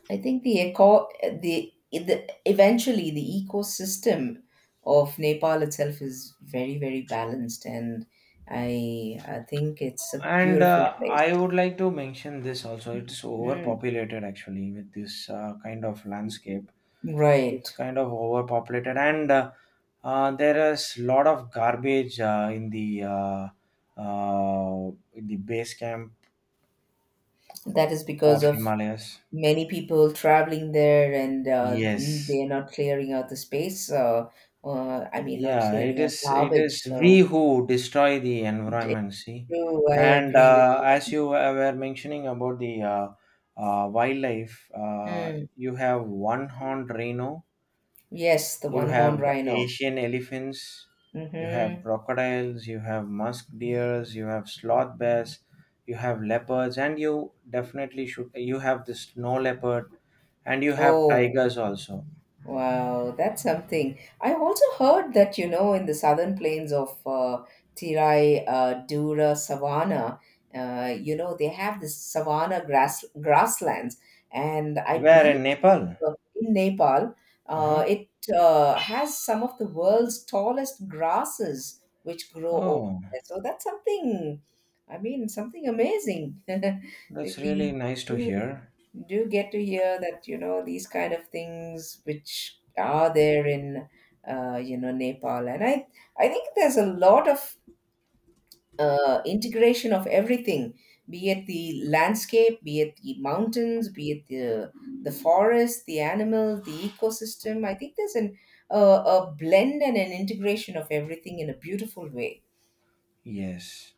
Speaker 1: I think the eventually the ecosystem of Nepal itself is very very balanced, and I think it's a
Speaker 2: And
Speaker 1: beautiful
Speaker 2: I
Speaker 1: place.
Speaker 2: would like to mention this also. It's
Speaker 1: Mm,
Speaker 2: overpopulated actually with this kind of landscape. It is
Speaker 1: right.
Speaker 2: kind of overpopulated, and there is lot of garbage in the base camp
Speaker 1: That is because
Speaker 2: of
Speaker 1: of
Speaker 2: Himalayas.
Speaker 1: many people traveling there and
Speaker 2: Yes.
Speaker 1: they're not clearing out the space. I mean, not
Speaker 2: Yeah, it
Speaker 1: clearing out
Speaker 2: is. It is
Speaker 1: garbage.
Speaker 2: we
Speaker 1: So
Speaker 2: who destroy the
Speaker 1: it's
Speaker 2: environment. See,
Speaker 1: true. I
Speaker 2: and
Speaker 1: agree with.
Speaker 2: as you were mentioning about the wildlife,
Speaker 1: Mm.
Speaker 2: you have one-horned rhino,
Speaker 1: Yes, the
Speaker 2: you
Speaker 1: one horned
Speaker 2: have
Speaker 1: rhino.
Speaker 2: Asian elephants, you have
Speaker 1: Mm-hmm.
Speaker 2: crocodiles, you have musk deers, you have sloth bears, you have leopards, and you definitely should. You have the snow leopard, and you have
Speaker 1: Oh,
Speaker 2: tigers also.
Speaker 1: wow, that's something. I also heard that, you know, in the southern plains of Tirai, Dura, Savannah, you know, they have this savanna grass grasslands, and I
Speaker 2: Where
Speaker 1: believe
Speaker 2: in Nepal?
Speaker 1: in Nepal,
Speaker 2: Uh huh.
Speaker 1: it has some of the world's tallest grasses which grow over
Speaker 2: Oh.
Speaker 1: there. So that's something, I mean, something amazing.
Speaker 2: That's really
Speaker 1: We
Speaker 2: nice to
Speaker 1: do,
Speaker 2: hear.
Speaker 1: do get to hear that, you know, these kind of things which are there in, you know, Nepal. And I think there's a lot of integration of everything, be it the landscape, be it the mountains, be it the forest, the animal, the ecosystem. I think there's an uh, a blend and an integration of everything in a beautiful way.
Speaker 2: Yes.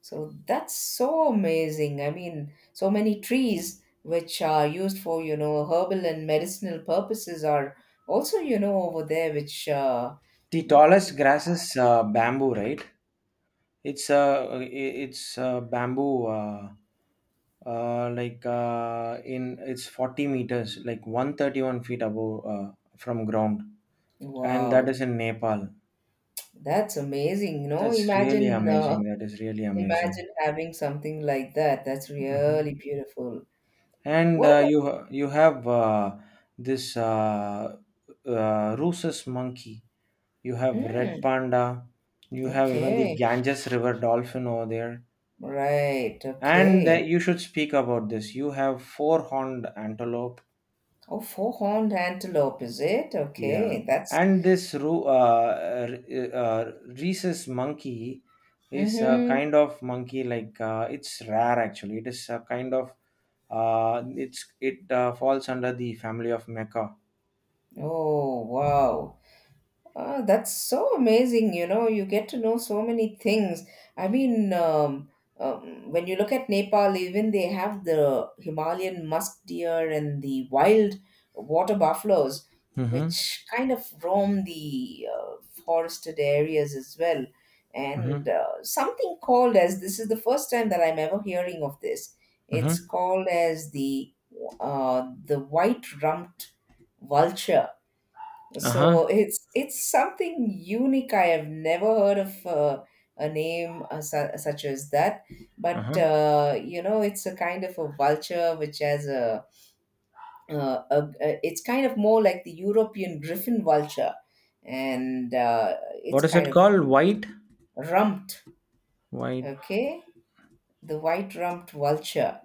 Speaker 1: So that's so amazing. I mean, so many trees which are used for you know herbal and medicinal purposes are also you know over there which
Speaker 2: The tallest grass
Speaker 1: uh,
Speaker 2: is bamboo, right? It's uh, i- it's bamboo, like, in it's 40 meters, like 131 feet above from ground. And that
Speaker 1: wow,
Speaker 2: is in Nepal.
Speaker 1: that's amazing you know
Speaker 2: That's really
Speaker 1: imagine
Speaker 2: amazing. That is really amazing.
Speaker 1: imagine having something like that. That's
Speaker 2: Hmm.
Speaker 1: really beautiful.
Speaker 2: And
Speaker 1: What about?
Speaker 2: you have this rhesus monkey. You have red
Speaker 1: Mm,
Speaker 2: panda, you have even the
Speaker 1: okay.
Speaker 2: Ganges River dolphin over there.
Speaker 1: Right.
Speaker 2: And
Speaker 1: Okay.
Speaker 2: you should speak about this. You have four horned antelope.
Speaker 1: Oh, four-horned antelope, is it?
Speaker 2: Yeah.
Speaker 1: Okay. That's.
Speaker 2: And this rhesus monkey is a
Speaker 1: Mm-hmm.
Speaker 2: kind of monkey, like, it's rare actually. It is a kind of. It falls under the family of Mecha.
Speaker 1: Oh, wow. Ah, that's so amazing. You know, you get to know so many things. I mean, when you look at Nepal, even they have the Himalayan musk deer and the wild water buffaloes,
Speaker 2: Mm-hmm.
Speaker 1: which kind of roam the forested areas as well.
Speaker 2: Mm-hmm.
Speaker 1: And something called as this is the first time that I'm ever hearing of this. It's
Speaker 2: Mm-hmm.
Speaker 1: called as the white rumped vulture,
Speaker 2: Uh-huh.
Speaker 1: so it's something unique. I have never heard of a name such as that. But
Speaker 2: Uh-huh.
Speaker 1: you know, it's a kind of a vulture which has a it's kind of more like the European griffin vulture, and it's
Speaker 2: What is
Speaker 1: kind
Speaker 2: it
Speaker 1: of
Speaker 2: called? White?
Speaker 1: rumped.
Speaker 2: White.
Speaker 1: Okay, the white rumped vulture.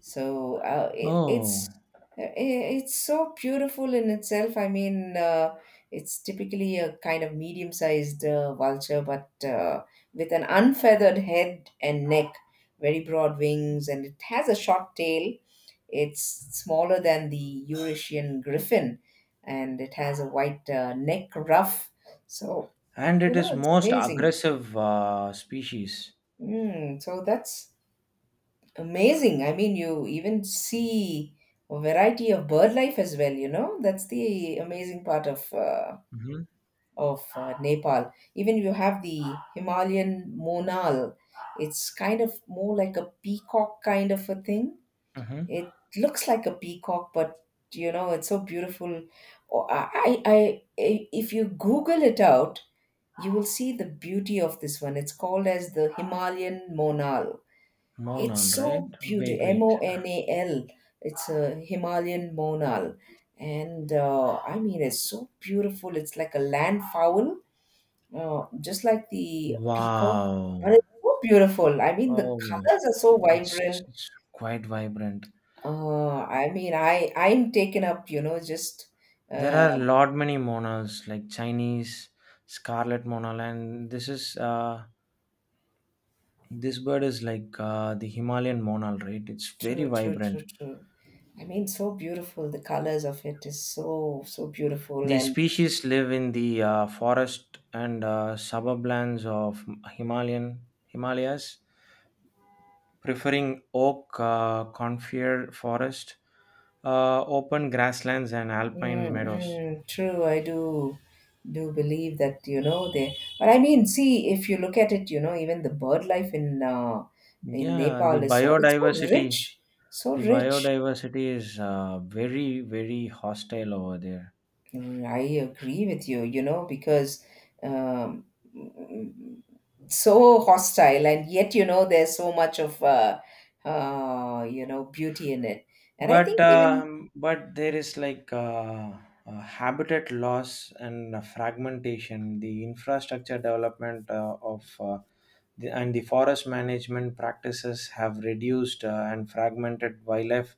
Speaker 1: So it's
Speaker 2: Oh.
Speaker 1: i- it's so beautiful in itself. I mean, it's typically a kind of medium-sized vulture, but with an unfeathered head and neck, very broad wings, and it has a short tail. It's smaller than the Eurasian griffin, and it has a white neck ruff. So,
Speaker 2: And
Speaker 1: you
Speaker 2: it
Speaker 1: know,
Speaker 2: is
Speaker 1: it's
Speaker 2: most
Speaker 1: amazing.
Speaker 2: aggressive species.
Speaker 1: Mm, so that's amazing. I mean, you even see a variety of bird life as well, you know? That's the amazing part of
Speaker 2: Mm-hmm.
Speaker 1: Nepal. Even you have the Himalayan monal. It's kind of more like a peacock kind of a thing.
Speaker 2: Mm-hmm.
Speaker 1: It looks like a peacock, but you know, it's so beautiful. Oh, if you Google it out, you will see the beauty of this one. It's called as the Himalayan monal, it's
Speaker 2: Monal, right?
Speaker 1: so beautiful.
Speaker 2: Wait,
Speaker 1: M
Speaker 2: wait.
Speaker 1: O N A L. It's a Himalayan monal, and I mean it's so beautiful. It's like a land fowl, just like the peacock,
Speaker 2: Wow.
Speaker 1: but it's so beautiful. I mean the
Speaker 2: Oh,
Speaker 1: colors are so
Speaker 2: it's,
Speaker 1: vibrant.
Speaker 2: it's quite vibrant.
Speaker 1: I mean I'm taken up. You know, just
Speaker 2: There
Speaker 1: uh,
Speaker 2: are a lot many monals like Chinese scarlet monal, and this bird is like, the Himalayan monal, right? It's very
Speaker 1: true, true, true,
Speaker 2: vibrant.
Speaker 1: true. I mean, so beautiful. The colors of it is so so beautiful,
Speaker 2: The
Speaker 1: and
Speaker 2: species live in the forest and suburb lands of Himalayan Himalayas, preferring oak, conifer forest, open grasslands, and alpine meadows.
Speaker 1: mm-mm, true, I do do believe that, you know, they but I mean, see, if you look at it, you know, even the bird life in
Speaker 2: Yeah, the
Speaker 1: Nepal is so it's so rich,
Speaker 2: biodiversity,
Speaker 1: so rich.
Speaker 2: is very, very hostile over there.
Speaker 1: Mm, I agree with you, you know, because um, mm, so hostile, and yet, you know, there's so much of you know, beauty in it. And I
Speaker 2: But
Speaker 1: think even
Speaker 2: um, but there is like habitat loss and fragmentation. The infrastructure development of and the forest management practices have reduced and fragmented wildlife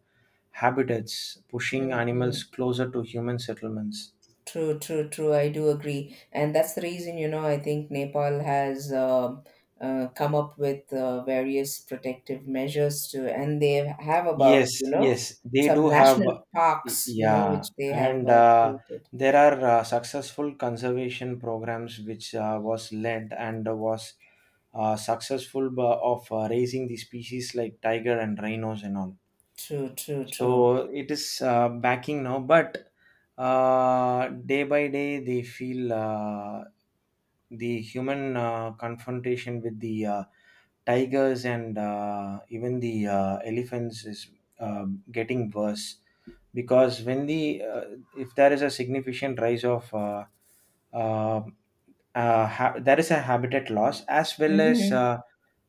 Speaker 2: habitats, pushing animals
Speaker 1: mm-mm.
Speaker 2: closer to human settlements.
Speaker 1: True, true, true. I do agree, and that's the reason you know I think Nepal has come up with various protective measures to, and they have about
Speaker 2: Yes,
Speaker 1: you know
Speaker 2: yes, they
Speaker 1: some
Speaker 2: do have.
Speaker 1: national parks you know
Speaker 2: Yeah,
Speaker 1: which they have
Speaker 2: and
Speaker 1: created.
Speaker 2: there are successful conservation programs which was led and was successful, of raising the species like tiger and rhinos and all.
Speaker 1: True, true, true.
Speaker 2: So it is backing now, but day by day they feel the human confrontation with the tigers and even the elephants is uh, getting worse, because when the if there is a significant rise of uh, there is a habitat loss as well as,
Speaker 1: Mm-hmm.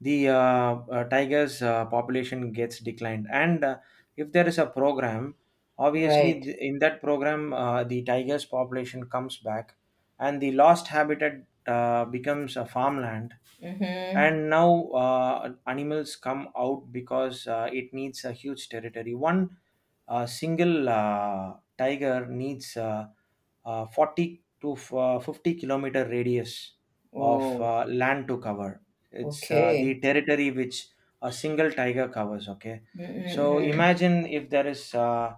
Speaker 2: the tiger's population gets declined. And if there is a program, obviously
Speaker 1: Right.
Speaker 2: in that program the tiger's population comes back, and the lost habitat becomes a farmland.
Speaker 1: Mm-hmm.
Speaker 2: And now animals come out, because it needs a huge territory. One single tiger needs 40 to 50-kilometer radius of
Speaker 1: Oh,
Speaker 2: land to cover. It's
Speaker 1: okay.
Speaker 2: the territory which a single tiger covers. Okay, so
Speaker 1: Mm-mm-mm.
Speaker 2: imagine if there is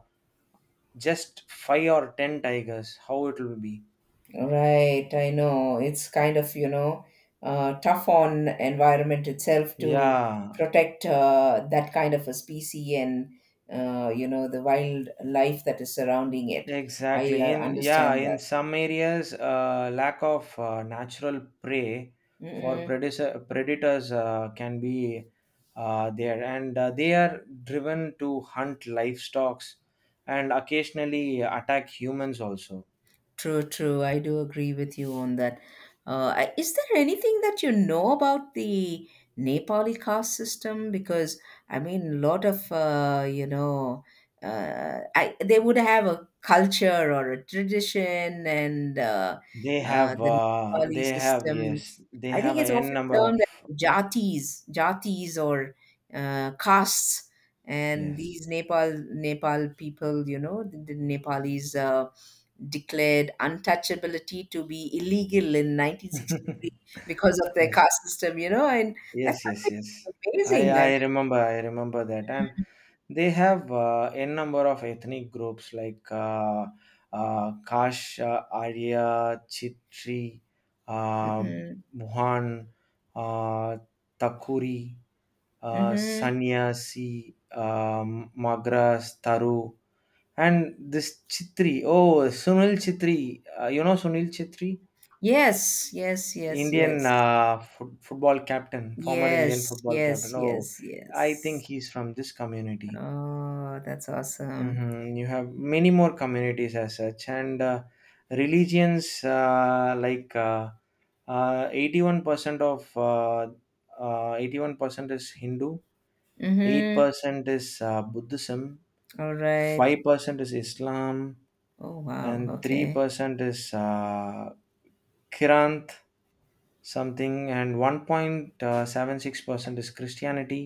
Speaker 2: just five or ten tigers, how it will be.
Speaker 1: Right, I know. It's kind of, you know, tough on environment itself to
Speaker 2: Yeah.
Speaker 1: protect that kind of a species and, you know, the wildlife that is surrounding it. I
Speaker 2: Exactly. In Yeah,
Speaker 1: understand
Speaker 2: in
Speaker 1: that.
Speaker 2: some areas, lack of natural prey for
Speaker 1: Mm-mm.
Speaker 2: predators can be there, and they are driven to hunt livestock and occasionally attack humans also.
Speaker 1: True, true. I do agree with you on that. Is there anything that you know about the Nepali caste system? Because I mean, a lot of you know, I they would have a culture or a tradition, and the Nepali
Speaker 2: They have,
Speaker 1: system.
Speaker 2: yes, they
Speaker 1: I think
Speaker 2: have a
Speaker 1: it's
Speaker 2: n
Speaker 1: often
Speaker 2: number of.
Speaker 1: termed as jatis, jatis or castes, and
Speaker 2: Yes,
Speaker 1: these Nepal people, you know, the Nepalese. Declared untouchability to be illegal in 1963 because of their
Speaker 2: yes.
Speaker 1: caste system, you know, and that's
Speaker 2: Yes, yes, yes.
Speaker 1: something
Speaker 2: I
Speaker 1: amazing.
Speaker 2: I
Speaker 1: I
Speaker 2: remember I remember that, and they have n number of ethnic groups like Kash, Arya, Chitri,
Speaker 1: mean,
Speaker 2: uh,
Speaker 1: mm-mm,
Speaker 2: Mohan, uh, Takuri,
Speaker 1: mm-hmm.
Speaker 2: Sanyasi, Magras, Taru, and this Chitri. Oh, Sunil Chitri. You know Sunil Chitri?
Speaker 1: Yes, yes, yes,
Speaker 2: Indian
Speaker 1: yes,
Speaker 2: football captain, former Indian
Speaker 1: yes,
Speaker 2: football
Speaker 1: yes,
Speaker 2: captain. Oh,
Speaker 1: yes,
Speaker 2: I think
Speaker 1: yes.
Speaker 2: he's from this community.
Speaker 1: Oh, that's awesome.
Speaker 2: Hmm. You have many more communities as such, and religions, like 81% of, 81% is Hindu,
Speaker 1: Mm-hmm.
Speaker 2: 8% is Buddhism,
Speaker 1: All right.
Speaker 2: 5% is Islam,
Speaker 1: Oh, wow.
Speaker 2: and
Speaker 1: Okay.
Speaker 2: 3% is Kirant. Something. And 1.76% is Christianity.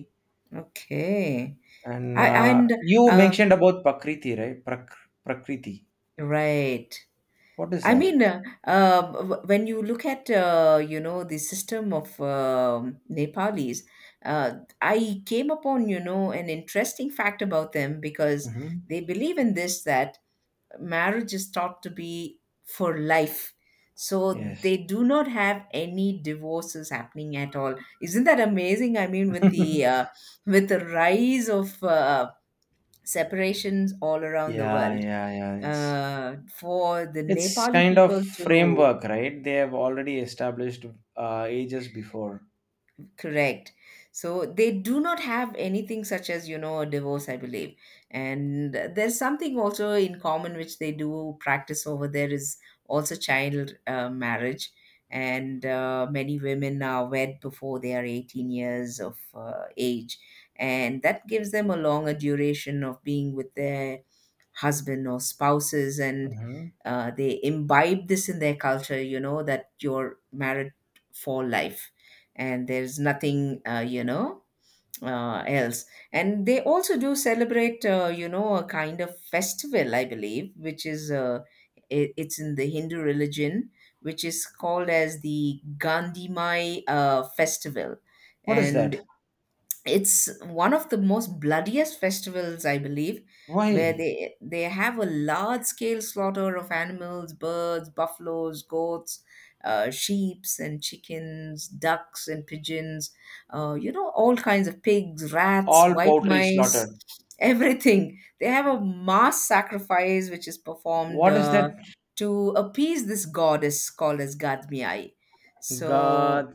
Speaker 1: Okay.
Speaker 2: And
Speaker 1: I and
Speaker 2: you
Speaker 1: uh,
Speaker 2: mentioned about Prakriti, right? Prakriti,
Speaker 1: right.
Speaker 2: what is
Speaker 1: I
Speaker 2: that?
Speaker 1: mean, when you look at you know the system of Nepalis, uh, I came upon you know an interesting fact about them because
Speaker 2: Hmm.
Speaker 1: they believe in this that marriage is thought to be for life, so they
Speaker 2: Yes,
Speaker 1: do not have any divorces happening at all. Isn't that amazing? I mean, with the rise of separations all around the
Speaker 2: yeah,
Speaker 1: world
Speaker 2: yeah, yeah,
Speaker 1: for the
Speaker 2: it's
Speaker 1: Nepali
Speaker 2: kind of
Speaker 1: people to
Speaker 2: framework, right? They have already established ages before.
Speaker 1: correct. So they do not have anything such as, you know, a divorce, I believe. And there's something also in common which they do practice over there is also child marriage. And many women are wed before they are 18 years of age. And that gives them a longer duration of being with their husband or spouses. And
Speaker 2: Hmm.
Speaker 1: they imbibe this in their culture, you know, that you're married for life and there's nothing you know else, and they also do celebrate you know a kind of festival I believe which is it, it's in the Hindu religion which is called as the Gandhi festival,
Speaker 2: What is
Speaker 1: and
Speaker 2: that?
Speaker 1: it's one of the most bloodiest festivals I believe where
Speaker 2: Why?
Speaker 1: they have a large scale slaughter of animals, birds, buffaloes, goats, sheeps and chickens, ducks and pigeons, you know all kinds of pigs, rats,
Speaker 2: All
Speaker 1: white
Speaker 2: poultry slaughtered.
Speaker 1: mice, everything. They have a mass sacrifice which is performed
Speaker 2: What is that?
Speaker 1: to appease this goddess called as Gadmiai, so
Speaker 2: God.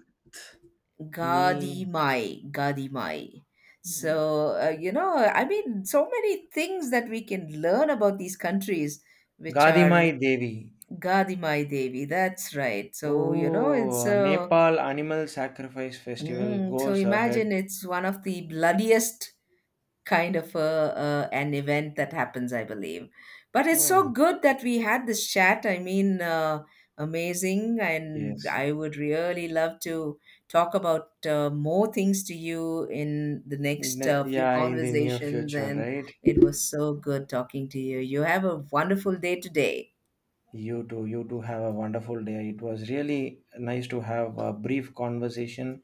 Speaker 2: Me.
Speaker 1: Gadimai, Gadimai. So, you know, I mean, so many things that we can learn about these countries, which are
Speaker 2: Gadimai Devi.
Speaker 1: Gadimai Devi. That's right. So, you know, it's
Speaker 2: Oh,
Speaker 1: a.
Speaker 2: Nepal Animal Sacrifice Festival
Speaker 1: Mm, so
Speaker 2: goes ahead.
Speaker 1: imagine it's one of the bloodiest kind of an event that happens, I believe. But it's so
Speaker 2: Oh,
Speaker 1: good that we had this chat. I mean, amazing. And
Speaker 2: yes.
Speaker 1: I would really love to talk about more things to you in the next few
Speaker 2: Yeah, in the near
Speaker 1: conversations.
Speaker 2: future,
Speaker 1: And
Speaker 2: right?
Speaker 1: it was so good talking to you. You have a wonderful day today.
Speaker 2: You too. You too have a wonderful day. It was really nice to have a brief conversation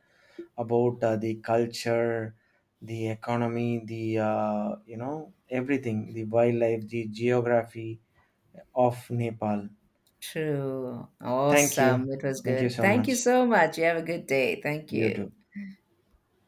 Speaker 2: about the culture, the economy, everything, the wildlife, the geography of Nepal.
Speaker 1: True.
Speaker 2: Thank you.
Speaker 1: Awesome. It was
Speaker 2: Thank you
Speaker 1: good.
Speaker 2: so
Speaker 1: Thank you
Speaker 2: much.
Speaker 1: so much. You have a good day. Thank
Speaker 2: You
Speaker 1: you.
Speaker 2: too.